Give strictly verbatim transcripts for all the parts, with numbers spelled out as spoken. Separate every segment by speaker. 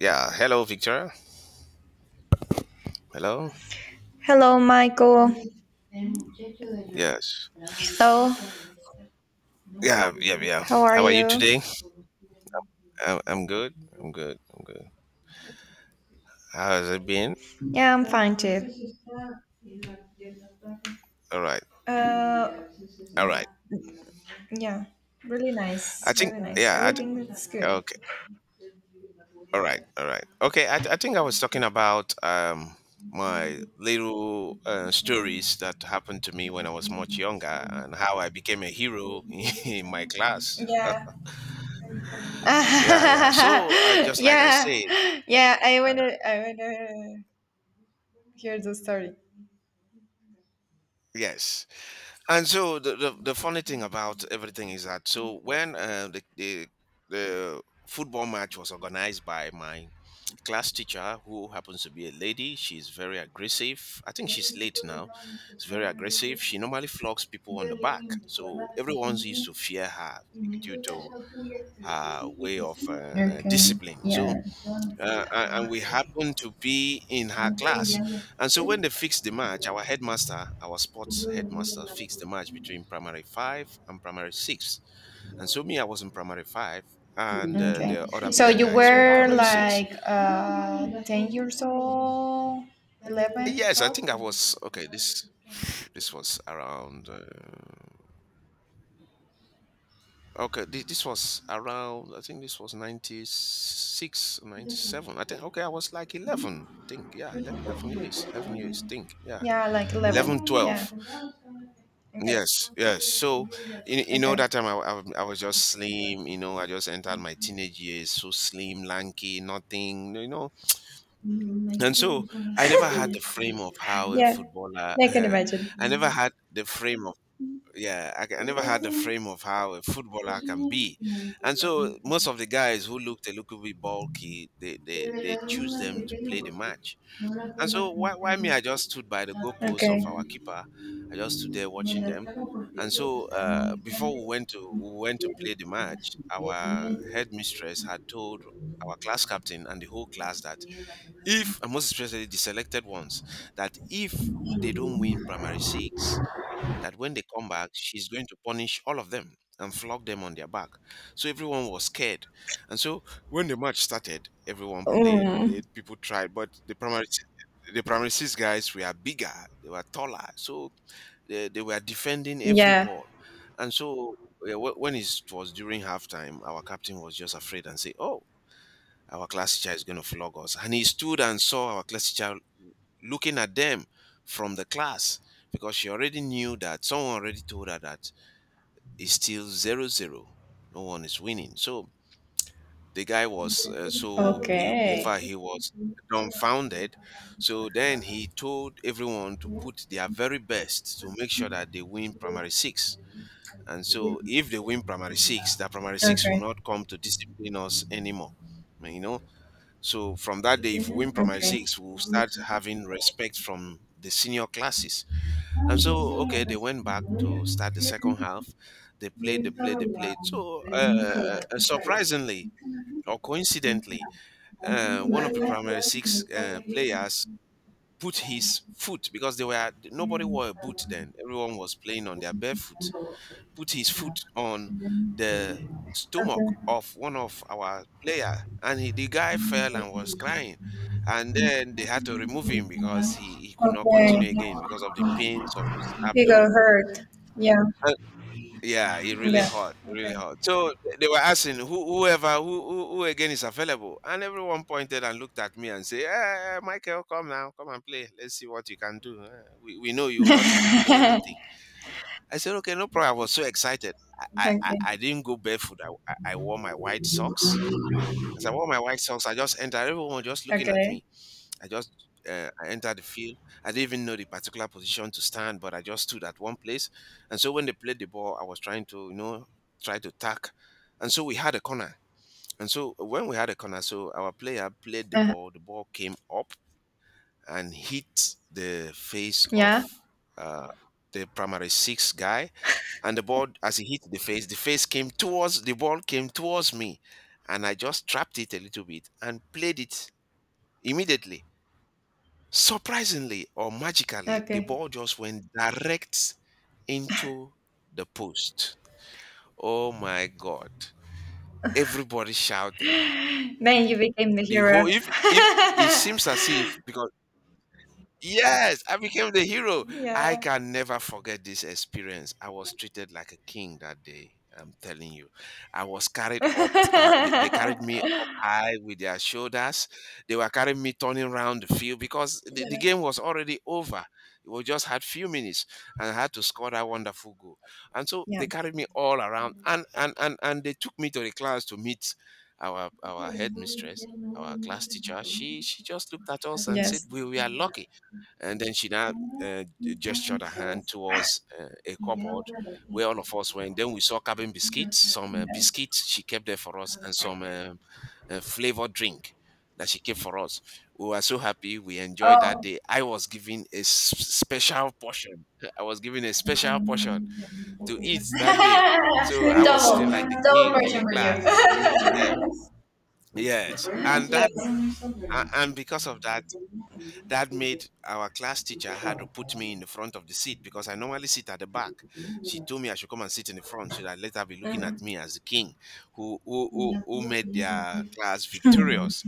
Speaker 1: Yeah. Hello, Victoria. Hello.
Speaker 2: Hello, Michael.
Speaker 1: Yes.
Speaker 2: Hello.
Speaker 1: Yeah. Yeah. Yeah.
Speaker 2: How are
Speaker 1: How are you
Speaker 2: you?
Speaker 1: today? I'm, I'm good. I'm good. I'm good. How has it been?
Speaker 2: Yeah, I'm fine too.
Speaker 1: All right.
Speaker 2: Uh,
Speaker 1: All right.
Speaker 2: yeah, really
Speaker 1: I
Speaker 2: nice,
Speaker 1: think.
Speaker 2: really nice.
Speaker 1: Yeah. I, th-
Speaker 2: Everything is good.
Speaker 1: okay. All right. All right. Okay. I, th- I think I was talking about um my little uh, stories that happened to me when I was much younger and how I became a hero in my class.
Speaker 2: Yeah.
Speaker 1: Yeah. Yeah. So uh, just like I
Speaker 2: Yeah,
Speaker 1: said,
Speaker 2: yeah. I wanna, I wanna hear the story.
Speaker 1: yes. And so the, the, the funny thing about everything is that so when uh, the, the the football match was organized by my class teacher who happens to be a lady. She's very aggressive. I think she's late now. She's very aggressive. She normally flogs people on the back, so everyone's used to fear her due to her way of uh, uh,
Speaker 2: Okay.
Speaker 1: discipline. So
Speaker 2: Yeah.
Speaker 1: uh, a- and we happened to be in her class. And so when they fixed the match, our headmaster, our sports headmaster, fixed the match between primary five and primary six. And so me, I was in primary five, and uh,
Speaker 2: Okay.
Speaker 1: the other
Speaker 2: So
Speaker 1: bigger
Speaker 2: you
Speaker 1: guys were in
Speaker 2: were
Speaker 1: primary six.
Speaker 2: like uh, ten years old, eleven,
Speaker 1: Yes, I
Speaker 2: twelve.
Speaker 1: think I was okay. This this was around uh, okay. This, this was around. I think this was ninety six, ninety seven. I think okay. I was like eleven. I think yeah, le- eleven years, eleven years. Think yeah,
Speaker 2: Yeah, like
Speaker 1: eleven,
Speaker 2: eleven. Yeah.
Speaker 1: twelve.
Speaker 2: Okay.
Speaker 1: Yes, yes. So, you, you know,
Speaker 2: Okay.
Speaker 1: that time I, I, was- I was just slim, you know, I just entered my teenage years, so slim, lanky, nothing, you know. And so I never had the frame of how a
Speaker 2: Yeah.
Speaker 1: footballer,
Speaker 2: Yeah, I can imagine.
Speaker 1: I never had the frame of, yeah, I, ca- I never had the frame of how a footballer can be. And so most of the guys who looked a little bit bulky, they, they, they choose them to play the match. And so why why me? I just stood by the goalposts
Speaker 2: Okay.
Speaker 1: of our keeper. I just stood there watching them. And so uh, before we went to we went to play the match, our headmistress had told our class captain and the whole class that if, and most especially the selected ones, that if they don't win primary six, that when they come back, she's going to punish all of them and flog them on their back. So everyone was scared. And so when the match started, everyone played,
Speaker 2: Mm.
Speaker 1: played, people tried, but the primary the primary six guys were bigger, they were taller. So they, they were defending every
Speaker 2: Yeah.
Speaker 1: ball. And so yeah, wh- when it was during halftime, our captain was just afraid and say, "Oh, our class teacher is going to flog us." And he stood and saw our class teacher looking at them from the class because she already knew that someone already told her that it's still zero zero. No one is winning. So the guy was, uh, so he, in
Speaker 2: Okay.
Speaker 1: fact, he was dumbfounded. So then he told everyone to put their very best to make sure that they win primary six. And so if they win primary six, that primary six will
Speaker 2: Okay.
Speaker 1: not come to discipline us anymore. You know, so from that day, if we win primary
Speaker 2: Okay.
Speaker 1: six, we'll start having respect from the senior classes. And so, okay, they went back to start the second half. They played, they played, they played. So, uh, uh, surprisingly or coincidentally, uh, one of the primary six uh, players put his foot, because they were, nobody wore a boot then. Everyone was playing on their barefoot. Put his foot on the stomach
Speaker 2: Okay.
Speaker 1: of one of our player, and he, the guy fell and was crying. And then they had to remove him because he, he could not continue
Speaker 2: Okay.
Speaker 1: again because of the pains of his
Speaker 2: You go
Speaker 1: abdomen.
Speaker 2: hurt. Yeah.
Speaker 1: Yeah, it really
Speaker 2: Yeah.
Speaker 1: hot, it
Speaker 2: Okay.
Speaker 1: really hot. So th- they were asking who, whoever who, who who again is available, and everyone pointed and looked at me and say, "Eh, eh, eh, Michael, come now, come and play. Let's see what you can do. Eh, We, we know you will not even play anything." I said, "Okay, no problem." I was so excited. I I, I
Speaker 2: Okay.
Speaker 1: I didn't go barefoot. I, I I wore my white socks. As I wore my white socks, I just entered. Everyone was just looking at
Speaker 2: Okay.
Speaker 1: me. I just uh, I entered the field. I didn't even know the particular position to stand, but I just stood at one place. And so when they played the ball, I was trying to, you know, try to tack, and so we had a corner. And so when we had a corner, so our player played the
Speaker 2: Uh,
Speaker 1: ball. The ball came up and hit the face of
Speaker 2: yeah.
Speaker 1: uh, the primary six guy. And the ball, as he hit the face, the face came towards the ball came towards me, and I just trapped it a little bit and played it immediately. Surprisingly or magically, the
Speaker 2: Okay.
Speaker 1: ball just went direct into the post. Oh my God. Everybody shouted.
Speaker 2: Then you became the
Speaker 1: The
Speaker 2: hero.
Speaker 1: whole if if it seems as if because Yes, I became the hero. I
Speaker 2: Yeah.
Speaker 1: can never forget this experience. I was treated like a king that day. I'm telling you, I was carried up. Uh, they, they carried me up high with their shoulders. They were carrying me turning around the field because the, the
Speaker 2: Yeah.
Speaker 1: game was already over. We just had few minutes and I had to score that wonderful goal. And so
Speaker 2: Yeah.
Speaker 1: they carried me all around and and and, and they took me to the class to meet our our headmistress, our class teacher. She she just looked at us and said,
Speaker 2: Yes.
Speaker 1: "We were lucky." And then she now uh, gestured her hand towards uh, a cupboard where all of us went. Then we saw cabin biscuits, some uh, biscuits she kept there for us, and some uh, uh, flavored drink that she kept for us. We were so happy. We enjoyed that
Speaker 2: Oh,
Speaker 1: day. I was given a s- special portion. I was given a special portion to eat that day. So I was
Speaker 2: double,
Speaker 1: sitting like the
Speaker 2: double
Speaker 1: king in
Speaker 2: portion
Speaker 1: the
Speaker 2: for you.
Speaker 1: class. Yeah. Yes. And that,
Speaker 2: Yes.
Speaker 1: a- and because of that, that made our class teacher had to put me in the front of the seat because I normally sit at the back. She told me I should come and sit in the front so that let her be looking at
Speaker 2: Mhm.
Speaker 1: me as the king who who who, who made their class
Speaker 2: Hmm.
Speaker 1: victorious.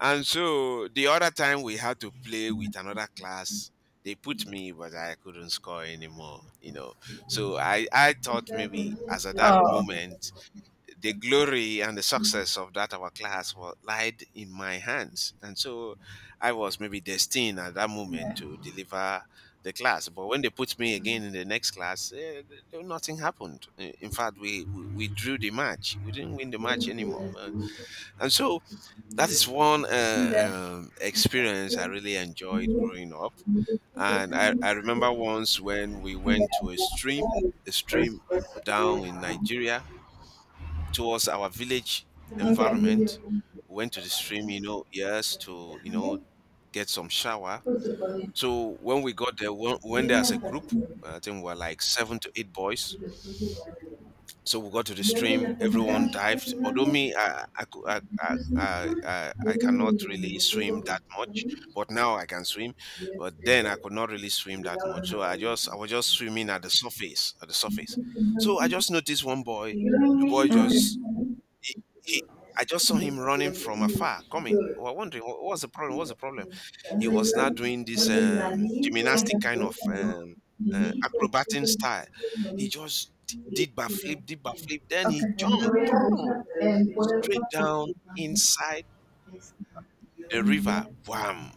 Speaker 1: And so the other time we had to play with another class, they put me, but I couldn't score anymore, you know. So I, I thought maybe as at that
Speaker 2: Oh.
Speaker 1: moment the glory and the success of that our class was lied in my hands, and so I was maybe destined at that moment
Speaker 2: Yeah.
Speaker 1: to deliver the class. But when they put me again in the next class, eh, nothing happened. Eh, in fact we, we we drew the match. We didn't win the match anymore. Uh, and so that is one
Speaker 2: Yeah.
Speaker 1: uh, um, experience I really enjoyed growing up. And I, I remember once when we
Speaker 2: Yeah.
Speaker 1: went to a stream, a stream down in Nigeria towards our village
Speaker 2: Okay. Okay.
Speaker 1: environment. We went to the stream, you know, yes, to, you know, get some shower. So when we got there, we went there as a group. I think we were like seven to eight boys. So we got to the stream.
Speaker 2: Okay.
Speaker 1: Everyone dived. Although me, I I, cou- I, I, I, I I cannot really swim that much, but now I can swim. But then I could not really swim that much. So I just I was just swimming at the surface, at the surface. So I just noticed one boy. The boy just he he I just saw him running from afar, coming. We were wondering, what was the problem? What's the problem? He was now doing this, um, gymnastic kind of, um, uh, acrobatic style. He
Speaker 2: Okay.
Speaker 1: just d did backflip, did backflip, then he jumped
Speaker 2: Okay.
Speaker 1: brrr, straight down inside the river. Wham!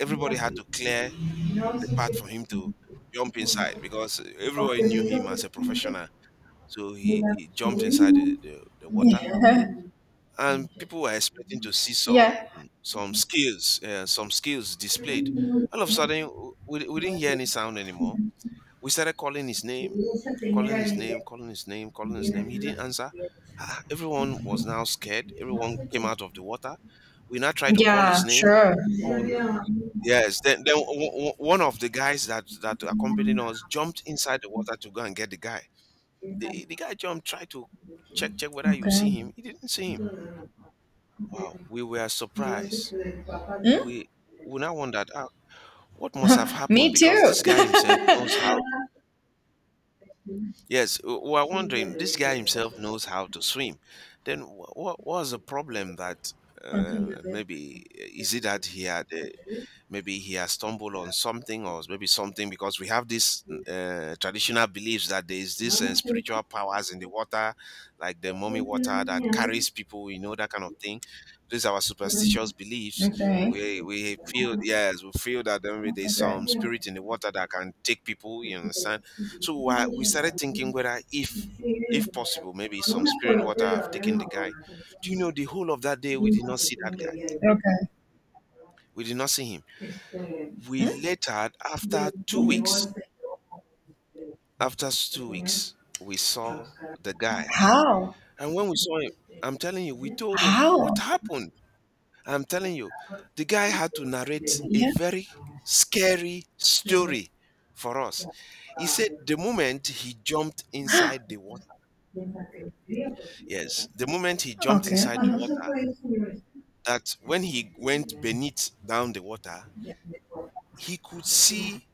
Speaker 1: Everybody had to clear the path for him to jump inside because everybody knew him as a professional. So he he jumped inside the the the water. And people were expecting to see some
Speaker 2: Yeah.
Speaker 1: some skills, uh, some skills displayed. All of a sudden, we, we didn't hear any sound anymore. We started calling his name, calling his name, calling his name, calling his name. He didn't answer. Ah, ah, everyone was now scared. Everyone came out of the water. We now tried to call
Speaker 2: Yeah,
Speaker 1: his name.
Speaker 2: sure.
Speaker 1: Um, yes, then, then o- o- one of the guys that that accompanied us jumped inside the water to go and get the guy. The, the guy jumped, tried to check check whether you see
Speaker 2: Okay.
Speaker 1: him. He didn't see him. Wow, we were surprised.
Speaker 2: Hmm?
Speaker 1: We we now wondered ah, what must have happened
Speaker 2: Me
Speaker 1: because
Speaker 2: too.
Speaker 1: this guy himself knows how. Yes, we we were wondering this guy himself knows how to swim. Then what was the problem that uh,
Speaker 2: Okay.
Speaker 1: maybe uh, is it that he had uh, maybe he has stumbled on something or maybe something, because we have this uh, traditional beliefs that there is this uh, spiritual powers in the water like the mummy water that carries people, you know that kind of thing. These are our
Speaker 2: Mm.
Speaker 1: superstitious beliefs.
Speaker 2: Okay.
Speaker 1: We we feel, yes, we feel that there may be some spirit in the water that can take people, you understand? So uh, we started thinking whether if if possible, maybe some spirit water have taken the guy. Do you know, the whole of that day we did not see that guy.
Speaker 2: Okay. Okay.
Speaker 1: We did not see him. We
Speaker 2: Hmm?
Speaker 1: later, after two weeks, after s- two weeks, we saw the guy.
Speaker 2: How?
Speaker 1: And when we saw him, I'm telling you, we told him what
Speaker 2: How?
Speaker 1: happened. I'm telling you, the guy had to narrate a
Speaker 2: Yeah.
Speaker 1: very scary story for us. He said the moment he jumped inside the water, yes, the moment he jumped
Speaker 2: Okay.
Speaker 1: inside the
Speaker 2: Uh-huh.
Speaker 1: water, that when he went beneath down the water, he could see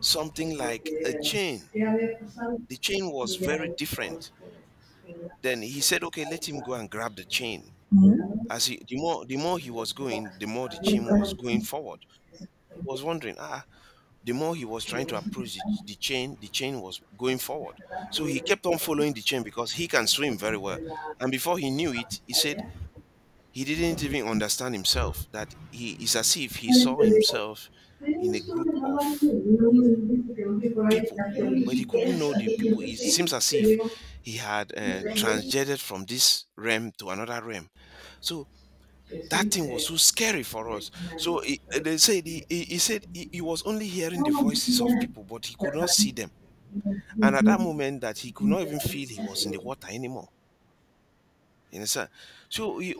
Speaker 1: something like a chain. The chain was very different. Then he said, okay, let him go and grab the chain.
Speaker 2: Hmm?
Speaker 1: As he, the more the more he was going, the more the chain was going forward. He was wondering, ah, the more he was trying to approach the, the chain, the chain was going forward. So he kept on following the chain because he can swim very well. And before he knew it, he said he didn't even understand himself that he is as if he saw himself in a group of people, but he couldn't know the people. It seems as if he had uh, transgender from this realm to another realm. So that thing was so scary for us. So he, eh, they said he, he he said he, he was only hearing the voices of people, but he could not see them. And at that moment, that he could not even feel he was in the water anymore. You understand? So he,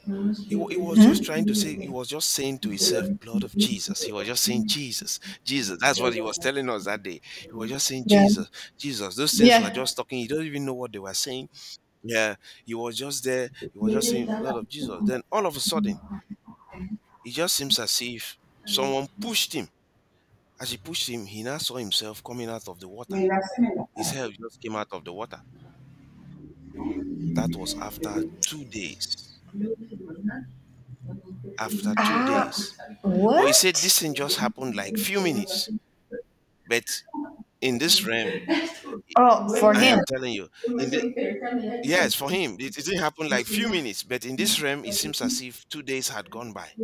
Speaker 1: he, wa- he was just trying to say,
Speaker 2: Huh?
Speaker 1: he was just saying to himself, blood of Jesus. He was just saying, Jesus, Jesus. That's what he was telling us that day. He was just saying,
Speaker 2: Yeah.
Speaker 1: Jesus, Jesus. Those things were
Speaker 2: Yeah.
Speaker 1: just talking. He do not even know what they were saying. Yeah. He was just there. He was just saying, blood of Jesus. Then all of a sudden, it just seems as if someone pushed him. As he pushed him, he now saw himself coming out of the water. His head just came out of the water. That was after two days. After two
Speaker 2: Ah,
Speaker 1: days. But he said
Speaker 2: what?
Speaker 1: this thing just happened like few minutes. But in this realm,
Speaker 2: Oh, for
Speaker 1: I
Speaker 2: him.
Speaker 1: am telling you, in the yes, for him, it, it didn't happen like few minutes, but in this realm, it seems as if two days had gone by.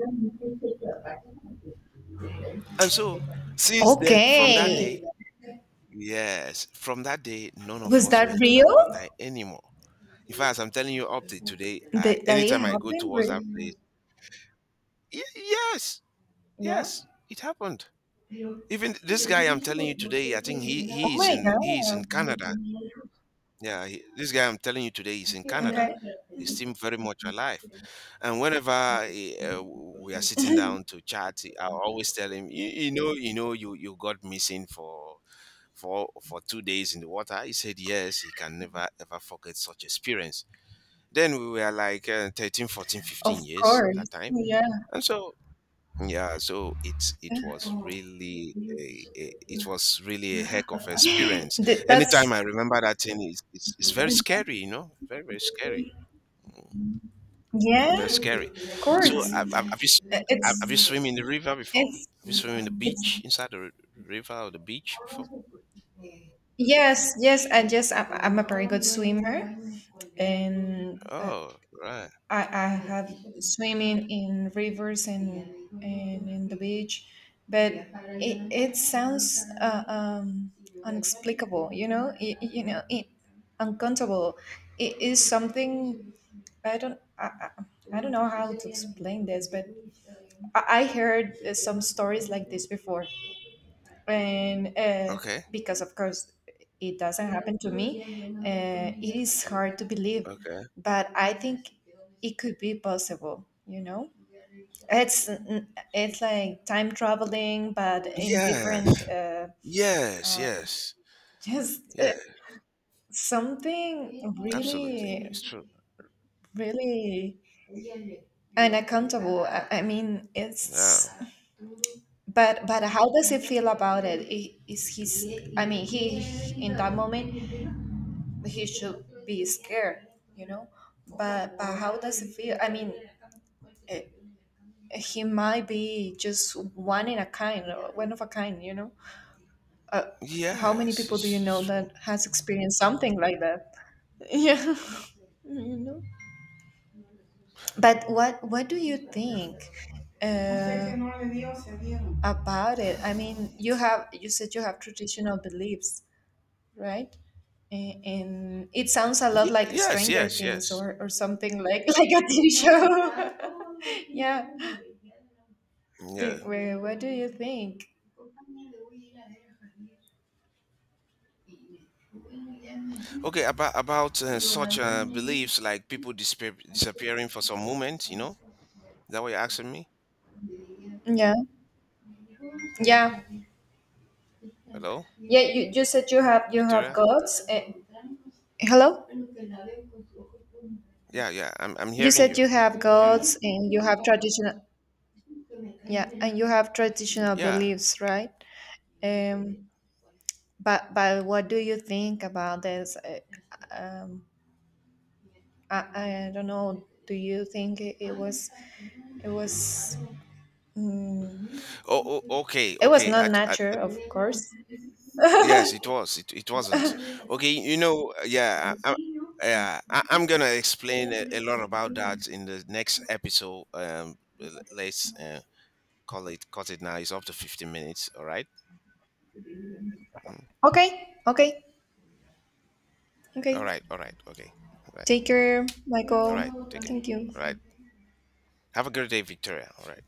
Speaker 1: And so since then, from that
Speaker 2: Okay.
Speaker 1: day, yes, from that day, none of
Speaker 2: Was
Speaker 1: us
Speaker 2: that
Speaker 1: went to that water
Speaker 2: real?
Speaker 1: anymore. In fact, as I'm telling you up to today, I
Speaker 2: That, that it
Speaker 1: anytime I go
Speaker 2: happened?
Speaker 1: towards that
Speaker 2: Re-
Speaker 1: place, y- yes,
Speaker 2: Yeah.
Speaker 1: yes, it happened.
Speaker 2: Oh
Speaker 1: Even this guy, I'm telling you, today, I think he he is
Speaker 2: my
Speaker 1: in he is in
Speaker 2: God.
Speaker 1: Canada. Yeah, he, this guy I'm telling you today is in Canada.
Speaker 2: Okay.
Speaker 1: He seems very much alive. And whenever eh, uh, we are sitting down to chat, I always tell him, you, you know, you know, you you got missing for for for two days in the water. He said yes, he can never ever forget such experience. Then we were like uh, thirteen, fourteen,
Speaker 2: Of
Speaker 1: fifteen years
Speaker 2: course.
Speaker 1: that time.
Speaker 2: Yeah.
Speaker 1: And so, yeah, so it's it was really a, a it was really a heck of experience.
Speaker 2: Th- That's,
Speaker 1: Anytime I remember that thing, it's, it's, it's very scary, you know, very very scary, mm,
Speaker 2: yeah,
Speaker 1: very scary.
Speaker 2: of
Speaker 1: So
Speaker 2: course.
Speaker 1: have, have have you s- have have
Speaker 2: It's,
Speaker 1: you swim in the river before?
Speaker 2: it's,
Speaker 1: Have you swim in the
Speaker 2: it's
Speaker 1: beach inside the r- river or the beach before? The
Speaker 2: Yes, yes,
Speaker 1: beach.
Speaker 2: and yes, I'm, I'm a very good swimmer, and uh,
Speaker 1: Oh, right.
Speaker 2: I I have swimming in rivers and and in the beach, but it, it sounds uh, um, unexplicable, you know, it, you know, it, uncountable. It is something I don't I, I I don't know how to explain this, but I, I heard uh, some stories like this before, and uh,
Speaker 1: Okay.
Speaker 2: because of course it doesn't happen to me, uh, it is hard to believe,
Speaker 1: Okay.
Speaker 2: but I think it could be possible, you know it's it's like time traveling, but in different
Speaker 1: Yes.
Speaker 2: uh,
Speaker 1: Yes.
Speaker 2: um,
Speaker 1: Yes.
Speaker 2: just uh,
Speaker 1: Yes.
Speaker 2: something
Speaker 1: Absolutely.
Speaker 2: really
Speaker 1: It's true.
Speaker 2: really unaccountable. i, I mean,
Speaker 1: Yeah.
Speaker 2: it's but but how does he feel about it? I- is he's I mean, he, in that moment, he should be scared, you know. But but how does it feel? I mean, uh, he might be just one in a kind, or one of a kind, you know. Uh, how many
Speaker 1: Yes,
Speaker 2: people do you
Speaker 1: it's
Speaker 2: know
Speaker 1: true.
Speaker 2: that has experienced something like that? Yeah, you know. But what what do you think? Uh, about it. I mean, you have you said you have traditional beliefs, right? A- and it sounds a lot
Speaker 1: Yeah,
Speaker 2: like
Speaker 1: yes,
Speaker 2: Stranger
Speaker 1: yes,
Speaker 2: Things
Speaker 1: yes.
Speaker 2: or, or something like like a T V show. Yeah.
Speaker 1: Yeah.
Speaker 2: Think- wha- what do you think?
Speaker 1: Okay, about about uh, such uh, beliefs like people disappear, disappearing for some moment, you know? Is that what you're asking me?
Speaker 2: Yeah. Yeah.
Speaker 1: Hello,
Speaker 2: Yeah. You, you said you have you have
Speaker 1: Victoria?
Speaker 2: gods. eh, hello.
Speaker 1: Yeah, yeah. I'm I'm
Speaker 2: You
Speaker 1: hearing
Speaker 2: said
Speaker 1: you.
Speaker 2: you
Speaker 1: Yeah,
Speaker 2: have
Speaker 1: I'm hearing you.
Speaker 2: gods and you have traditional. Yeah, and you have traditional
Speaker 1: Yeah.
Speaker 2: beliefs, right? Um. But but what do you think about this? Eh, Um. I, I don't know. Do you think it, it was it was? mm,
Speaker 1: Oh, oh okay,
Speaker 2: It was
Speaker 1: okay.
Speaker 2: not
Speaker 1: I, I
Speaker 2: nature, of course.
Speaker 1: yes, it was. It it wasn't. Okay, you know, yeah, I, I, yeah. I, I'm gonna explain a, a lot about that in the next episode. Um, l- let's uh, call it cut it now. It's up to fifteen minutes. All right. Mm.
Speaker 2: Okay, okay,
Speaker 1: All
Speaker 2: okay.
Speaker 1: right. All right. Okay. All right.
Speaker 2: Take care,
Speaker 1: All right.
Speaker 2: Michael.
Speaker 1: Take care.
Speaker 2: Thank
Speaker 1: All right.
Speaker 2: you.
Speaker 1: Have a great day, Victoria. All right.